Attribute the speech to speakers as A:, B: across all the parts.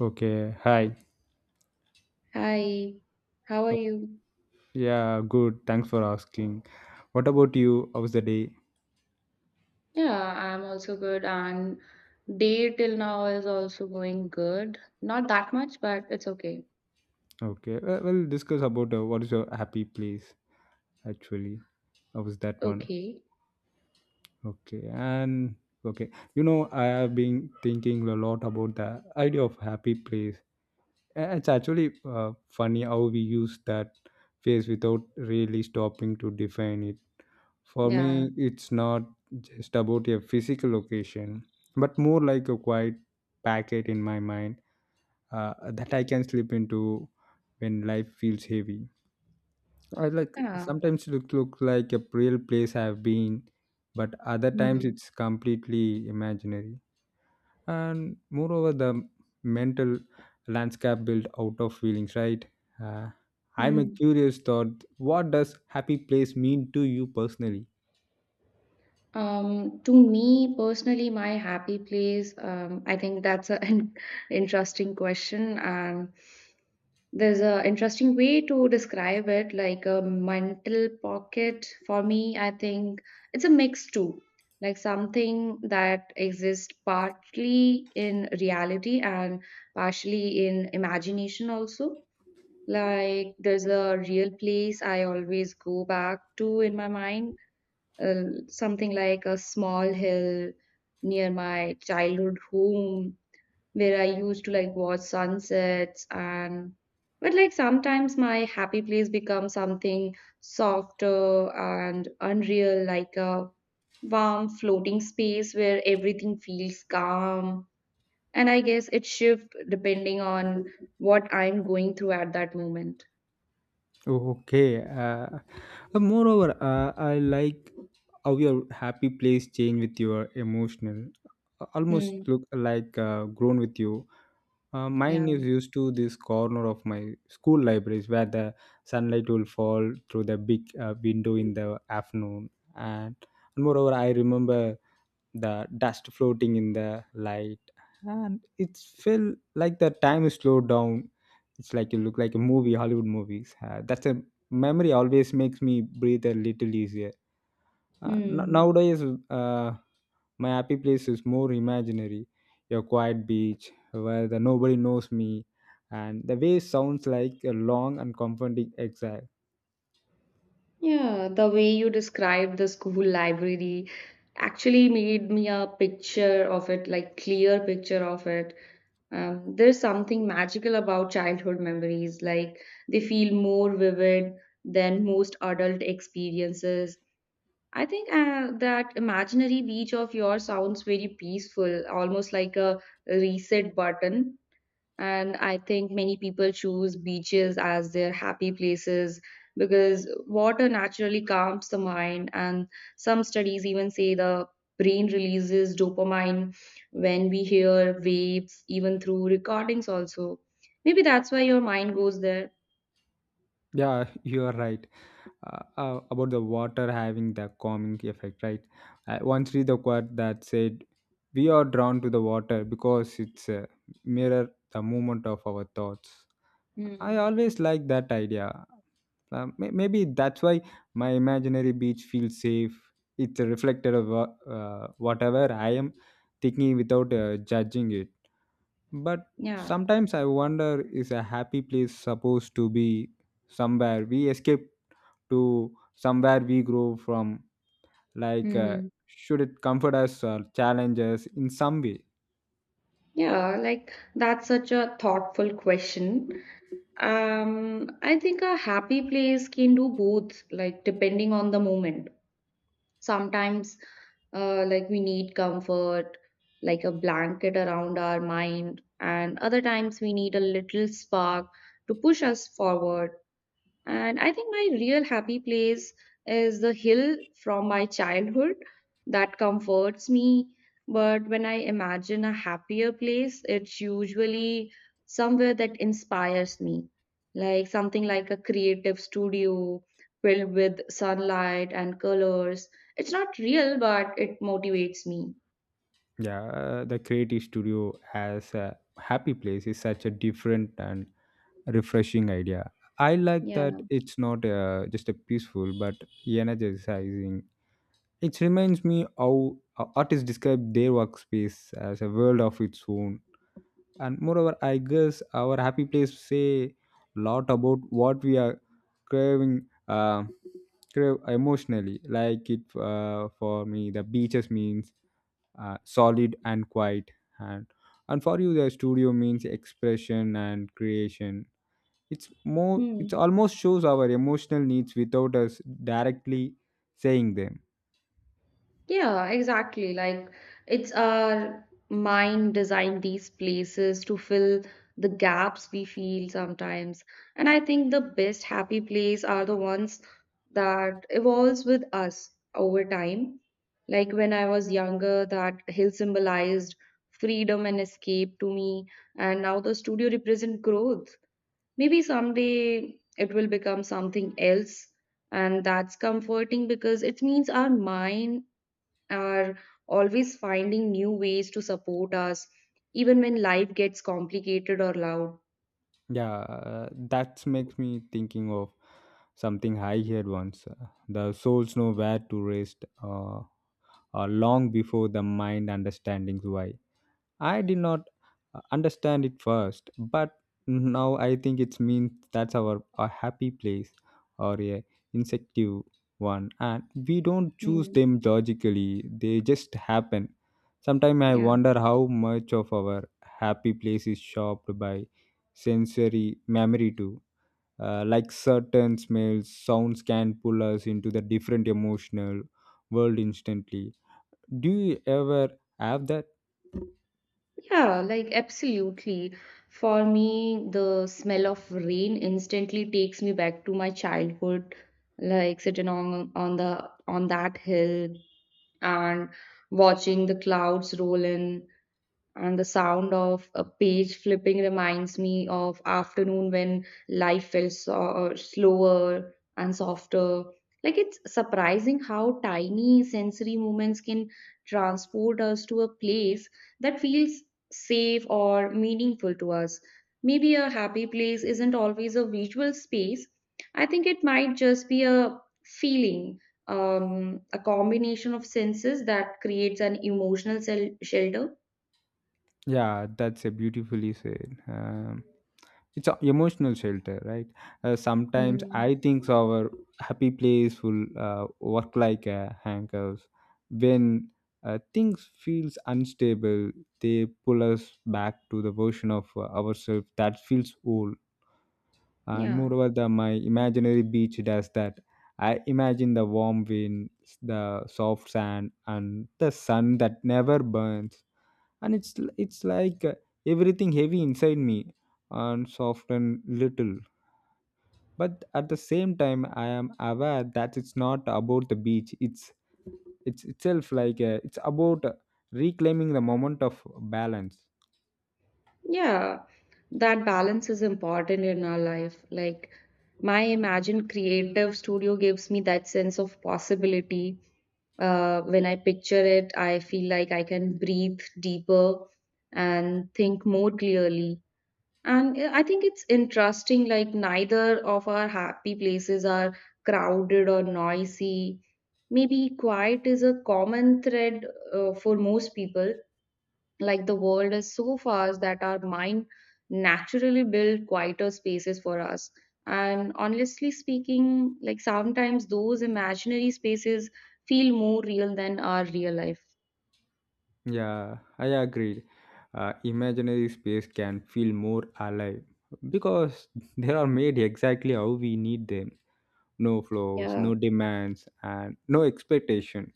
A: Okay, hi.
B: Hi, how are
A: Oh,
B: you?
A: Yeah, good. Thanks for asking. What about you? How was the day?
B: Yeah, I'm also good, and day till now is also going good. Not that much, but it's okay.
A: Okay, well, we'll discuss about what is your happy place actually. How was that one?
B: Okay.
A: Okay, and okay, you know, I have been thinking a lot about the idea of happy place. It's actually funny how we use that phrase without really stopping to define it. For me,
B: Yeah.
A: it's not just about a physical location, but more like a quiet packet in my mind that I can slip into when life feels heavy. I like
B: Yeah.
A: sometimes it look like a real place I've been, but other times
B: Hmm.
A: it's completely imaginary. And moreover, the mental landscape built out of feelings, right? Uh, I'm a
B: Hmm.
A: curious thought. What does happy place mean to you personally?
B: To me personally, my happy place, I think that's an interesting question. And there's a interesting way to describe it, like a mental pocket. For me, I think it's a mix too, like something that exists partly in reality and partially in imagination also. Like there's a real place I always go back to in my mind, something like a small hill near my childhood home where I used to like watch sunsets and but like sometimes my happy place becomes something softer and unreal, like a warm floating space where everything feels calm. And I guess it shifts depending on what I'm going through at that moment.
A: Okay. Moreover, I like how your happy place change with your emotional. Almost
B: Hmm.
A: look like grown with you. Mine is
B: Yeah.
A: used to this corner of my school libraries where the sunlight will fall through the big window in the afternoon. And moreover, I remember the dust floating in the light and it felt like the time is slowed down. It's like you look like a movie hollywood movies that's a memory always makes me breathe a little easier
B: Hmm.
A: nowadays, uh, my happy place is more imaginary, a quiet beach where the nobody knows me and the way sounds like a long and comforting exile.
B: Yeah, the way you described the school library actually made me a picture of it, like clear picture of it. There's something magical about childhood memories, like they feel more vivid than most adult experiences. I think that imaginary beach of yours sounds very peaceful, almost like a reset button, and I think many people choose beaches as their happy places because water naturally calms the mind. And some studies even say the brain releases dopamine when we hear waves, even through recordings, also. Maybe that's why your mind goes there.
A: Yeah, you are right about the water having the calming effect, right? I once read the quote that said, "We are drawn to the water because it's a mirror the movement of our thoughts."
B: Hmm.
A: I always like that idea. Maybe that's why my imaginary beach feels safe. It's a reflected of whatever I am thinking without judging it. But
B: Yeah.
A: sometimes I wonder, is a happy place supposed to be somewhere we escape to, somewhere we grow from, like
B: Hmm.
A: should it comfort us or challenge us in some way?
B: Yeah, like that's such a thoughtful question. I think a happy place can do both, like depending on the moment. Sometimes like we need comfort, like a blanket around our mind, and other times we need a little spark to push us forward. And I think my real happy place is the hill from my childhood that comforts me. But when I imagine a happier place, it's usually somewhere that inspires me, like something like a creative studio filled with sunlight and colors. It's not real, but it motivates me.
A: Yeah, the creative studio as a happy place is such a different and refreshing idea. I like that
B: Yeah.
A: it's not just a peaceful but energizing. It reminds me how artists describe their workspace as a world of its own. And moreover, I guess our happy place say lot about what we are craving, uh, crave emotionally. Like it for me the beaches means solid and quiet, and and for you the studio means expression and creation. It's more, it
B: Hmm.
A: almost shows our emotional needs without us directly saying them.
B: Yeah, exactly. Like it's our mind designed these places to fill the gaps we feel sometimes. And I think the best happy place are the ones that evolves with us over time. Like when I was younger, that hill symbolized freedom and escape to me, and now the studio represent growth. Maybe someday it will become something else, and that's comforting because it means our mind are always finding new ways to support us, even when life gets complicated or loud.
A: Yeah, that makes me thinking of something I heard once. The souls know where to rest long before the mind understanding why. I did not understand it first, but now I think it means that's our a happy place or a insective one, and we don't choose
B: Hmm.
A: them logically; they just happen. Sometimes I
B: Yeah.
A: wonder how much of our happy place is shaped by sensory memory too, like certain smells sounds can pull us into the different emotional world instantly. Do you ever have that?
B: Yeah, like absolutely. For me, the smell of rain instantly takes me back to my childhood, like sitting on that hill and watching the clouds roll in, and the sound of a page flipping reminds me of afternoon when life felt slower and softer. Like, it's surprising how tiny sensory moments can transport us to a place that feels safe or meaningful to us. Maybe a happy place isn't always a visual space. I think it might just be a feeling, a combination of senses that creates an emotional shelter.
A: Yeah, that's a beautifully said. It's an emotional shelter, right? Sometimes
B: Mm,
A: I think our happy place will work like a handcuffs when things feels unstable. They pull us back to the version of ourselves that feels whole. And
B: yeah,
A: moreover, the my imaginary beach does that. I imagine the warm wind, the soft sand, and the sun that never burns, and it's like everything heavy inside me and soften little. But at the same time, I am aware that it's not about the beach, it's itself, like it's about reclaiming the moment of balance.
B: yeah. That balance is important in our life. Like, my Imagine Creative Studio gives me that sense of possibility. When I picture it, I feel like I can breathe deeper and think more clearly. And I think it's interesting, like, neither of our happy places are crowded or noisy. Maybe quiet is a common thread for most people. Like, the world is so fast that our mind naturally build quieter spaces for us. And honestly speaking, like sometimes those imaginary spaces feel more real than our real life.
A: Yeah, I agree. Imaginary space can feel more alive because they are made exactly how we need them. No flows,
B: Yeah,
A: no demands, and no expectation.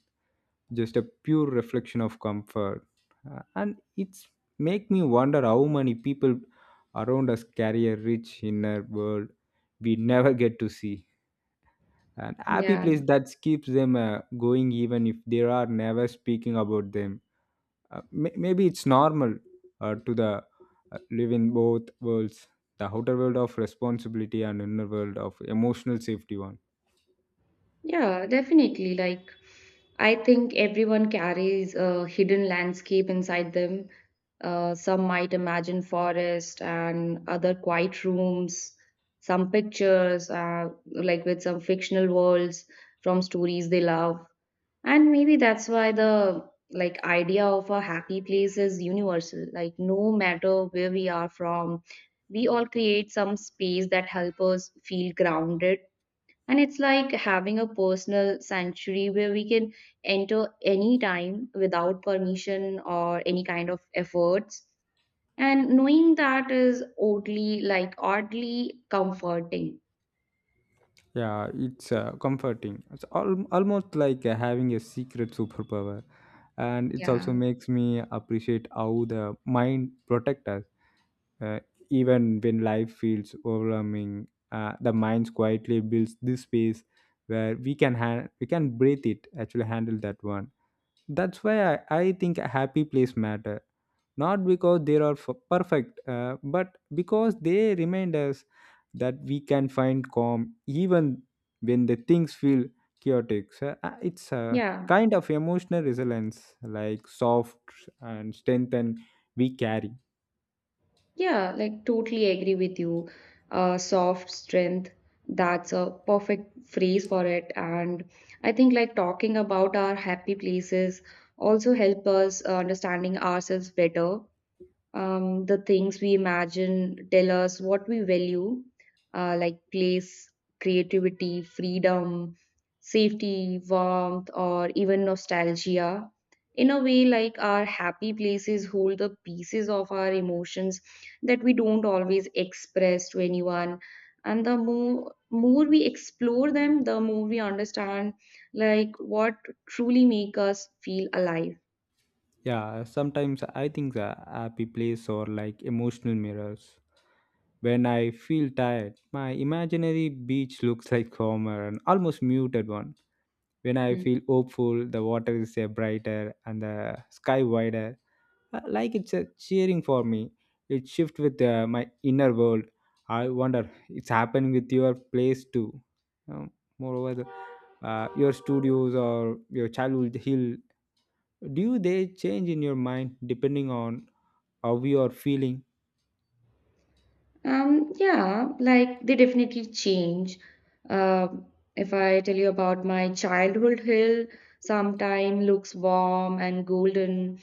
A: Just a pure reflection of comfort. And it's make me wonder how many people around us carry a rich inner world we never get to see. An happy
B: yeah.
A: place that keeps them going even if they are never speaking about them. Maybe it's normal to the live in both worlds, the outer world of responsibility and inner world of emotional safety one.
B: Yeah, definitely. Like, I think everyone carries a hidden landscape inside them. Some might imagine forest and other quiet rooms, some pictures, like with some fictional worlds from stories they love. And maybe that's why the like idea of a happy place is universal. Like, no matter where we are from, we all create some space that help us feel grounded, and it's like having a personal sanctuary where we can enter any time without permission or any kind of efforts. And knowing that is oddly, like oddly comforting.
A: Yeah, it's comforting. It's almost like having a secret superpower. And it also
B: Yeah.
A: makes me appreciate how the mind protect us, uh, even when life feels overwhelming. The mind quietly builds this space where we can we can breathe, it actually handle that one. That's why I think a happy place matter. Not because they are perfect, but because they remind us that we can find calm even when the things feel chaotic. So, it's a
B: Yeah.
A: kind of emotional resilience, like soft and strength and we carry.
B: Yeah, like totally agree with you. Soft strength. That's a perfect phrase for it. And I think like talking about our happy places also help us understanding ourselves better. The things we imagine tell us what we value, like place, creativity, freedom, safety, warmth, or even nostalgia. In a way, like our happy places hold the pieces of our emotions that we don't always express to anyone. And the more we explore them, the more we understand like what truly make us feel alive.
A: Yeah, sometimes I think the happy place or like emotional mirrors. When I feel tired, my imaginary beach looks like calmer and almost muted one. When I feel hopeful, the water is brighter and the sky wider. Like it's cheering for me. It shifts with my inner world. I wonder it's happening with your place too. Um, moreover, your studios or your childhood hill, do they change in your mind depending on how you are feeling?
B: Yeah, like they definitely change. Um, if I tell you about my childhood hill, sometime looks warm and golden,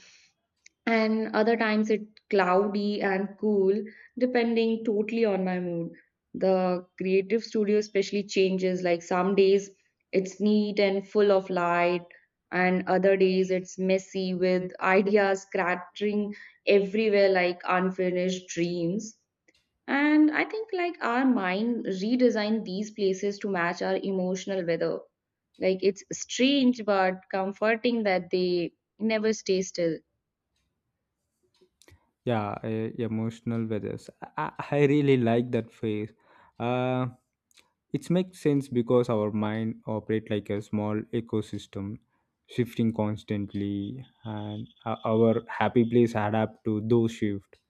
B: and other times it cloudy and cool, depending totally on my mood. The creative studio especially changes. Like some days it's neat and full of light, and other days it's messy with ideas scattering everywhere like unfinished dreams. And I think like our mind redesigned these places to match our emotional weather. Like, it's strange but comforting that they never stay still.
A: Yeah, emotional weathers, I really like that phrase. uh, it makes sense because our mind operate like a small ecosystem shifting constantly, and our happy place adapt to those shift.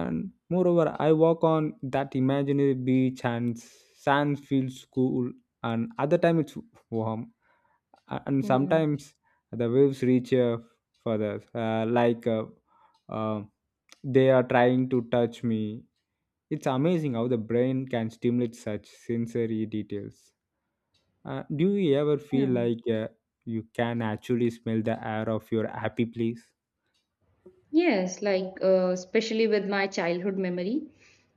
A: And moreover, I walk on that imaginary beach and sand feels cool, and other time it's warm. And
B: Hmm.
A: sometimes the waves reach further, uh, they are trying to touch me. It's amazing how the brain can stimulate such sensory details. Do you ever feel
B: Yeah.
A: like you can actually smell the air of your happy place?
B: Yes, like especially with my childhood memory,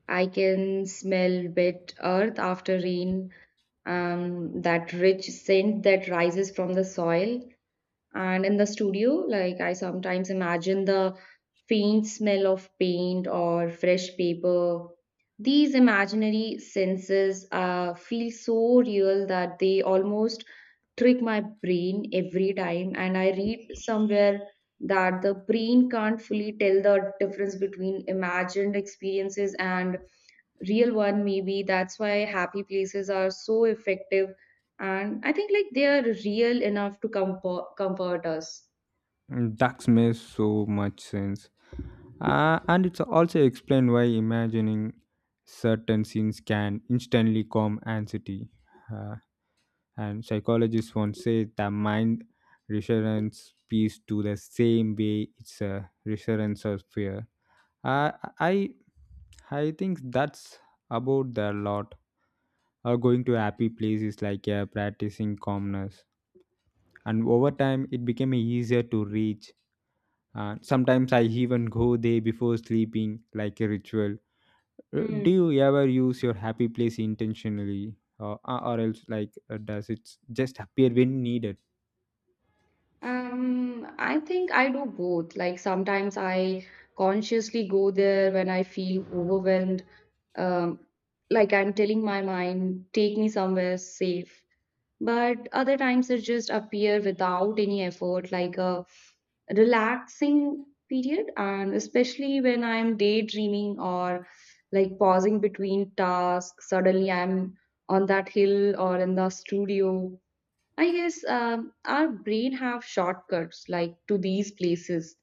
B: I can smell wet earth after rain, that rich scent that rises from the soil. And in the studio, like I sometimes imagine the faint smell of paint or fresh paper. These imaginary senses feel so real that they almost trick my brain every time. And I read somewhere that the brain can't fully tell the difference between imagined experiences and real one. Maybe that's why happy places are so effective, and I think like they are real enough to comfort us.
A: Mm, that makes so much sense. And it's also explained why imagining certain scenes can instantly calm anxiety. Uh, and psychologists once said the mind resurrence peace to the same way it's a resurrence of fear. I I I think that's about the lot. Going to happy places like practicing calmness, and over time it became easier to reach. Sometimes I even go there before sleeping, like a ritual.
B: Hmm.
A: Do you ever use your happy place intentionally, or else like does it just appear when needed?
B: I think I do both. Like sometimes I consciously go there when I feel overwhelmed. um like I'm telling my mind, take me somewhere safe. But other times it just appear without any effort, like a relaxing period. And especially when I'm daydreaming or like pausing between tasks, suddenly I'm on that hill or in the studio. I guess our brain have shortcuts like to these places.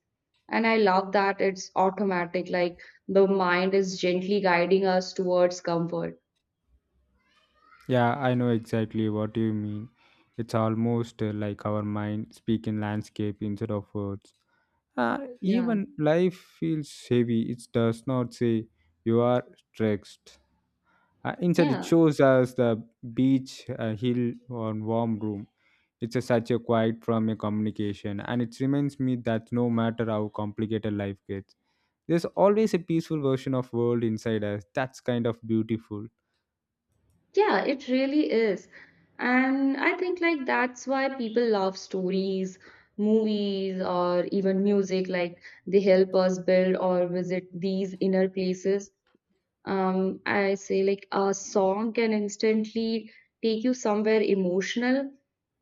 B: And I love that it's automatic. Like, the mind is gently guiding us towards comfort.
A: Yeah, I know exactly what you mean. It's almost like our mind speak in landscape instead of words.
B: Yeah,
A: Even life feels heavy, it does not say you are stressed. Instead, it
B: yeah.
A: shows us the beach, a hill, or warm room. It's a, such a quiet from a communication, and it reminds me that no matter how complicated life gets, there's always a peaceful version of world inside us. That's kind of beautiful.
B: Yeah, it really is. And I think like that's why people love stories, movies, or even music. Like, they help us build or visit these inner places. I say like a song can instantly take you somewhere emotional,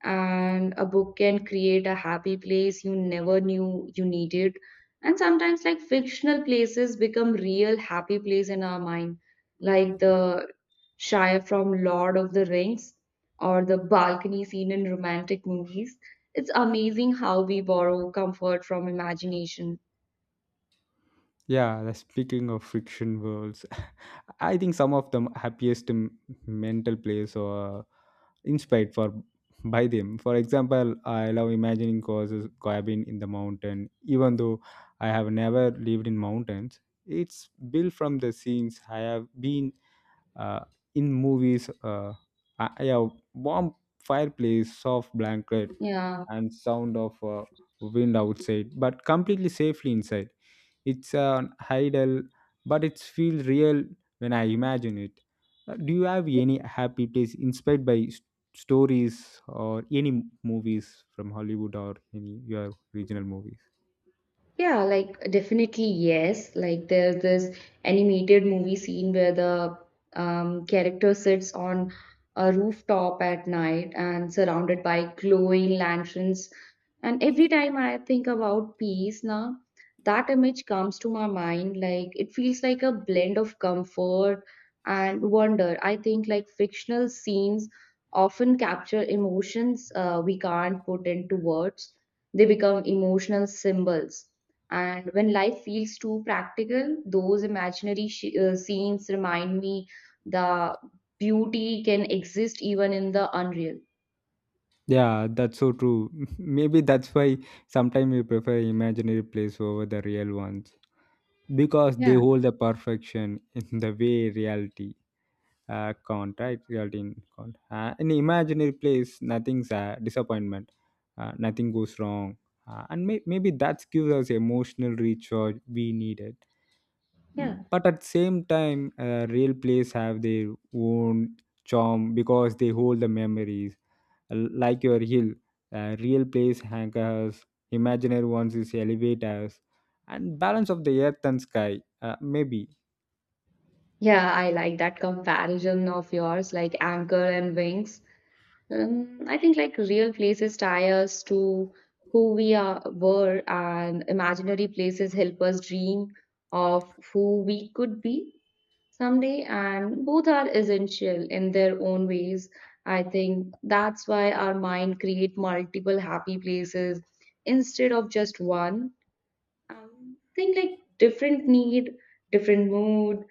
B: and a book can create a happy place you never knew you needed. And sometimes, like fictional places become real happy place in our mind, like the Shire from Lord of the Rings or the balcony scene in romantic movies. It's amazing how we borrow comfort from imagination.
A: Yeah, speaking of friction worlds, I think some of the happiest mental plays are inspired for by them. For example, I love imagining causes cabin in the mountain, even though I have never lived in mountains. It's built from the scenes I have been uh, in movies. I warm fireplace, soft blanket,
B: Yeah.
A: and sound of wind outside, but completely safely inside. It's an ideal, but it feels real when I imagine it. Do you have any happy place inspired by stories or any movies from hollywood or any your regional movies?
B: Yeah, like definitely yes. Like, there's this animated movie scene where the character sits on a rooftop at night and surrounded by glowing lanterns. And every time I think about peace now, that image comes to my mind. Like, it feels like a blend of comfort and wonder. I think like fictional scenes often capture emotions we can't put into words. They become emotional symbols, and when life feels too practical, those imaginary scenes remind me the beauty can exist even in the unreal.
A: Yeah, that's so true. Maybe that's why sometimes we prefer imaginary place over the real ones because they
B: Yeah,
A: hold the perfection in the way reality can't. Right, reality in can't in imaginary place nothing's a disappointment, nothing goes wrong. And maybe that gives us emotional recharge we needed.
B: yeah.
A: Mm, but at the same time real plays have their own charm because they hold the memories. Like your hill, real plays anchors, imaginary ones is elevate us and balance of the earth and sky, maybe.
B: Yeah, I like that comparison of yours, like anchor and wings. I think like real places tie us to who we are were, and imaginary places help us dream of who we could be someday. And both are essential in their own ways. I think that's why our mind create multiple happy places instead of just one. Think like different need, different mood,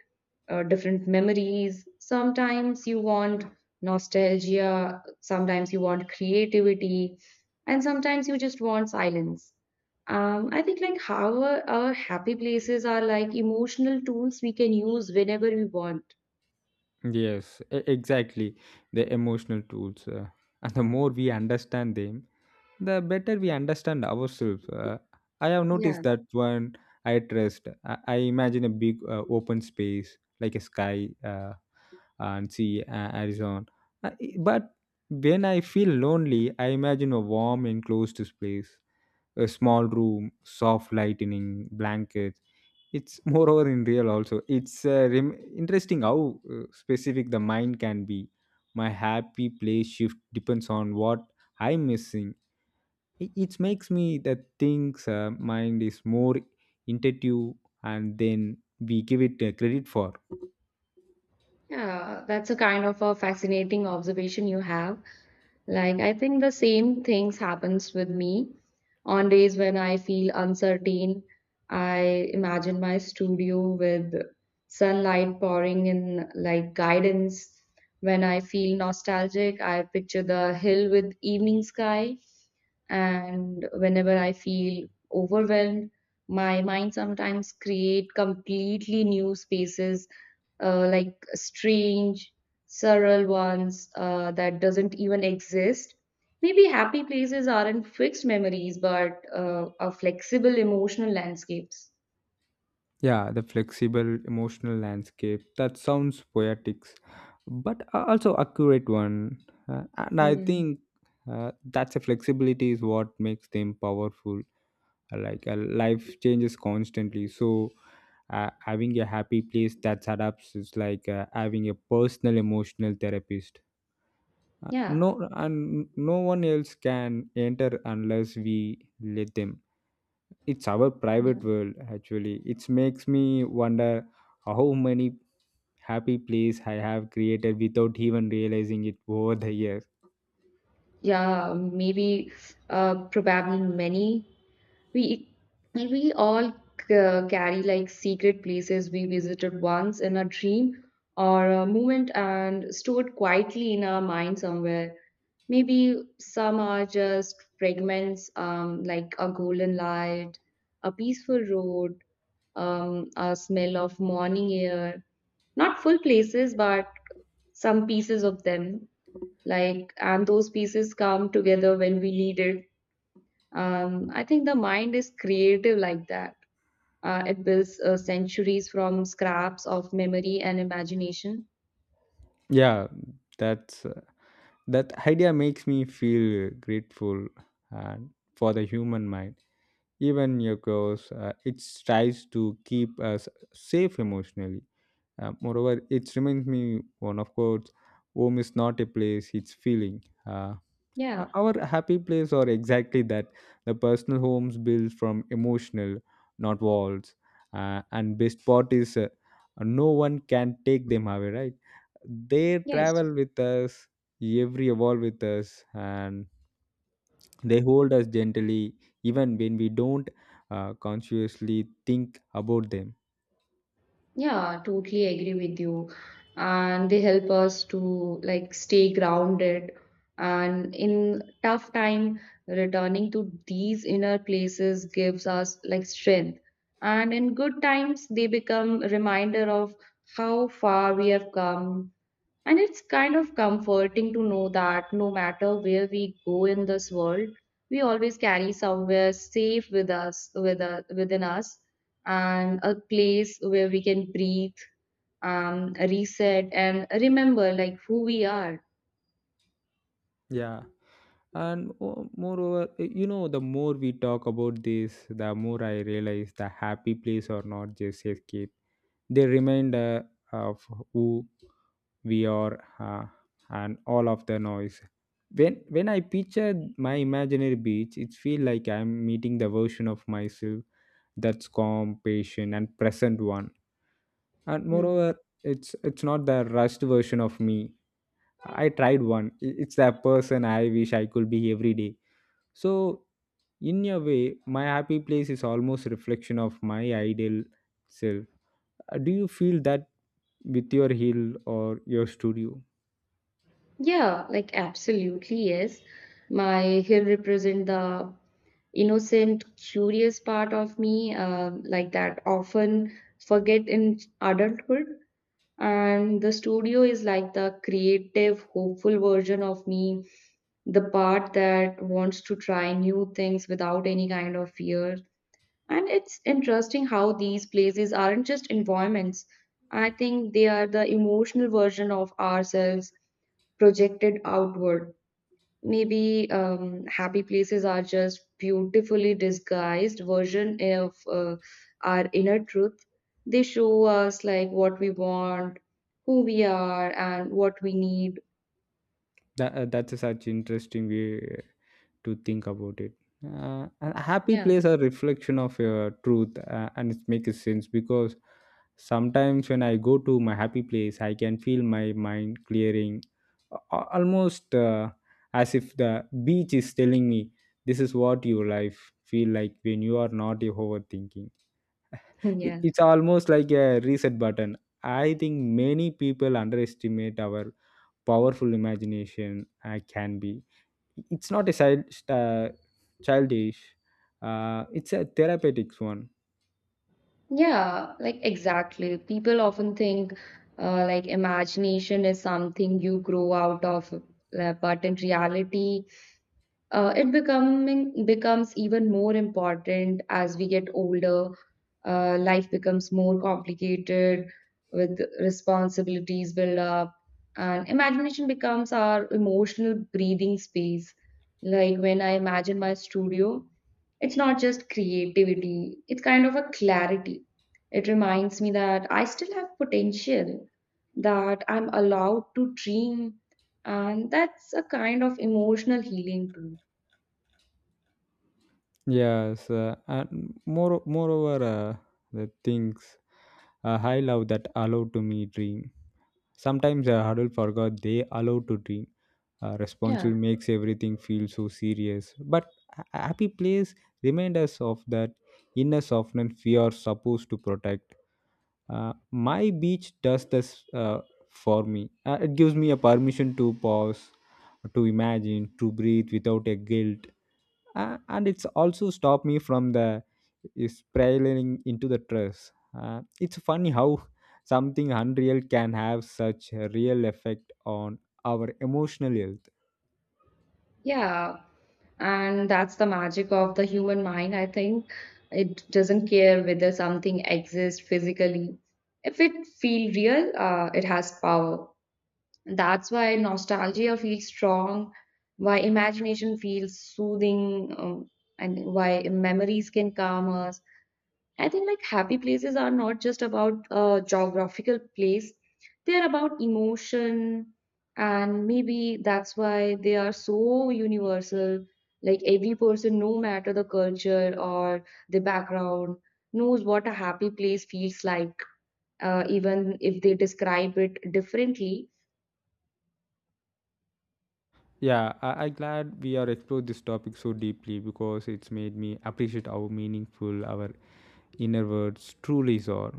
B: different memories. Sometimes you want nostalgia, sometimes you want creativity, and sometimes you just want silence. I think like how our happy places are like emotional tools we can use whenever we want.
A: Yes, exactly. The emotional tools. And the more we understand them, the better we understand ourselves. I have noticed
B: Yeah,
A: that when I trust, I imagine a big open space like a sky, and sea, horizon. But when I feel lonely, I imagine a warm, enclosed space, a small room, soft lightning, blankets. It's moreover in real also. It's interesting how specific the mind can be. My happy place shift depends on what I'm missing. It makes me that things mind is more intuitive and then we give it credit for.
B: yeah, that's a kind of a fascinating observation you have. Like, I think the same things happens with me. On days when I feel uncertain, I imagine my studio with sunlight pouring in like guidance. When I feel nostalgic, I picture the hill with evening sky. And whenever I feel overwhelmed, my mind sometimes create completely new spaces, like strange surreal ones that doesn't even exist. Maybe happy places aren't fixed memories, but are flexible emotional landscapes.
A: Yeah, the flexible emotional landscape. That sounds poetic, but also accurate one. And I
B: Mm,
A: think that's a flexibility is what makes them powerful like, life changes constantly, so having a happy place that adapts is like having a personal emotional therapist. Uh,
B: yeah,
A: no, and no one else can enter unless we let them. It's our
B: yeah,
A: private world. Actually, it makes me wonder how many happy place I have created without even realizing it over the years.
B: yeah. Maybe, probably many. We we all carry like secret places we visited once in a dream or a moment and stored quietly in our mind somewhere. Maybe some are just fragments, like a golden light, a peaceful road, a smell of morning air. Not full places, but some pieces of them. Like, and those pieces come together when we need it. I think the mind is creative like that. It builds centuries from scraps of memory and imagination.
A: Yeah, that's uh, that idea makes me feel grateful and for the human mind, even your chaos. It tries to keep us safe emotionally. Moreover, it reminds me one of quotes: "Home is not a place; it's feeling."
B: Yeah.
A: Our happy place are exactly that. The personal homes built from emotional, not walls. And best part is, no one can take them away. Right? They
B: Yes.
A: travel with us, every evolve with us, and they hold us gently even when we don't consciously think about them.
B: Yeah, totally agree with you. And they help us to like stay grounded. And in tough time, returning to these inner places gives us like strength. And in good times, they become a reminder of how far we have come, and it's kind of comforting to know that no matter where we go in this world, we always carry somewhere safe with us within us, and a place where we can breathe, reset, and remember like who we are.
A: Yeah. And moreover, you know, the more we talk about this, the more I realize the happy place are not just escape. They remind of who we are, and all of the noise. When I picture my imaginary beach, it feels like I'm meeting the version of myself that's calm, patient, and present one, and
B: Hmm.
A: moreover, it's not the rushed version of me I tried one. It's that person I wish I could be every day. So in a way, my happy place is almost reflection of my ideal self. Do you feel that with your hill or your studio?
B: Yeah, like absolutely, yes. My hill represent the innocent, curious part of me, like that often forget in adulthood. And the studio is like the creative hopeful version of me, the part that wants to try new things without any kind of fear. And it's interesting how these places aren't just environments. I think they are the emotional version of ourselves projected outward. Maybe happy places are just beautifully disguised version of our inner truth. They show us like what we want, who we are, and what we need.
A: That's a such interesting way to think about it, uh, a happy
B: Yeah.
A: place a reflection of your truth, and it makes sense because sometimes when I go to my happy place, I can feel my mind clearing, almost, as if the beach is telling me, "This is what your life feel like when you are not overthinking."
B: Yeah.
A: It's almost like a reset button. I think many people underestimate our powerful imagination can be. It's not a uh, childish. It's a therapeutic one.
B: Yeah, like exactly. People often think like imagination is something you grow out of, but in reality, it becoming becomes even more important as we get older. Life becomes more complicated with responsibilities build up, and imagination becomes our emotional breathing space. Like, when I imagine my studio, it's not just creativity; it's kind of a clarity. It reminds me that I still have potential, that I'm allowed to dream, and that's a kind of emotional healing too.
A: Yes, and moreover, the things I love that allow to me dream. Sometimes I huddle forgot they allow to dream. Responsible
B: Yeah,
A: makes everything feel so serious, but a happy place remind us of that inner softness we are supposed to protect. My beach does this for me. It gives me a permission to pause, to imagine, to breathe without a guilt, and it's also stopped me from the spiraling into the trust. It's funny how something unreal can have such a real effect on our emotional health.
B: yeah. And that's the magic of the human mind, I think. It doesn't care whether something exists physically. If it feels real, it has power. That's why nostalgia feels strong, why imagination feels soothing, and why memories can calm us. I think like happy places are not just about a geographical place, they're about emotion, and maybe that's why they are so universal. Like, every person, no matter the culture or the background, knows what a happy place feels like, even if they describe it differently.
A: Yeah, I glad we are explored this topic so deeply because it's made me appreciate how meaningful our inner words truly are.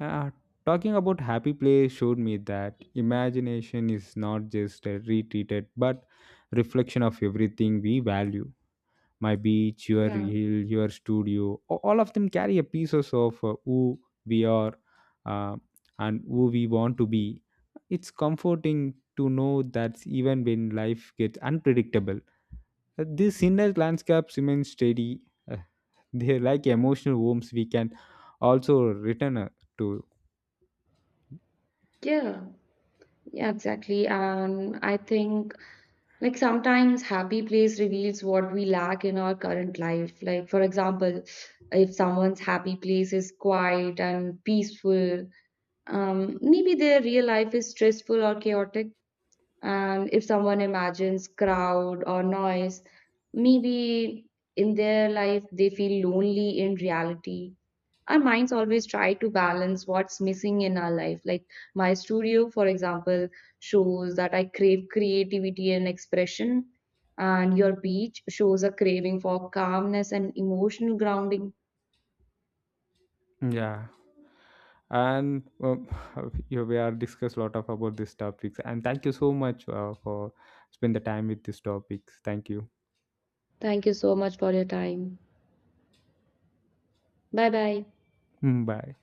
A: Uh, talking about happy place showed me that imagination is not just a retreated but reflection of everything we value, my beach, your
B: Yeah.
A: hill, your studio. All of them carry a pieces of who we are uh, and who we want to be. It's comforting to know that even when life gets unpredictable, these inner landscapes remain steady. Uh, they're like emotional homes we can also return to.
B: Yeah, yeah, exactly. And I think like sometimes happy place reveals what we lack in our current life. Like, for example, if someone's happy place is quiet and peaceful, maybe their real life is stressful or chaotic. And if someone imagines crowd or noise, maybe in their life they feel lonely in reality. Our minds always try to balance what's missing in our life. Like, my studio, for example, shows that I crave creativity and expression, and your beach shows a craving for calmness and emotional grounding.
A: Yeah. And yeah, we are discussed a lot of about these topics. And thank you so much for spend the time with these topics. Thank you.
B: Thank you so much for your time. Bye bye.
A: Mm, bye.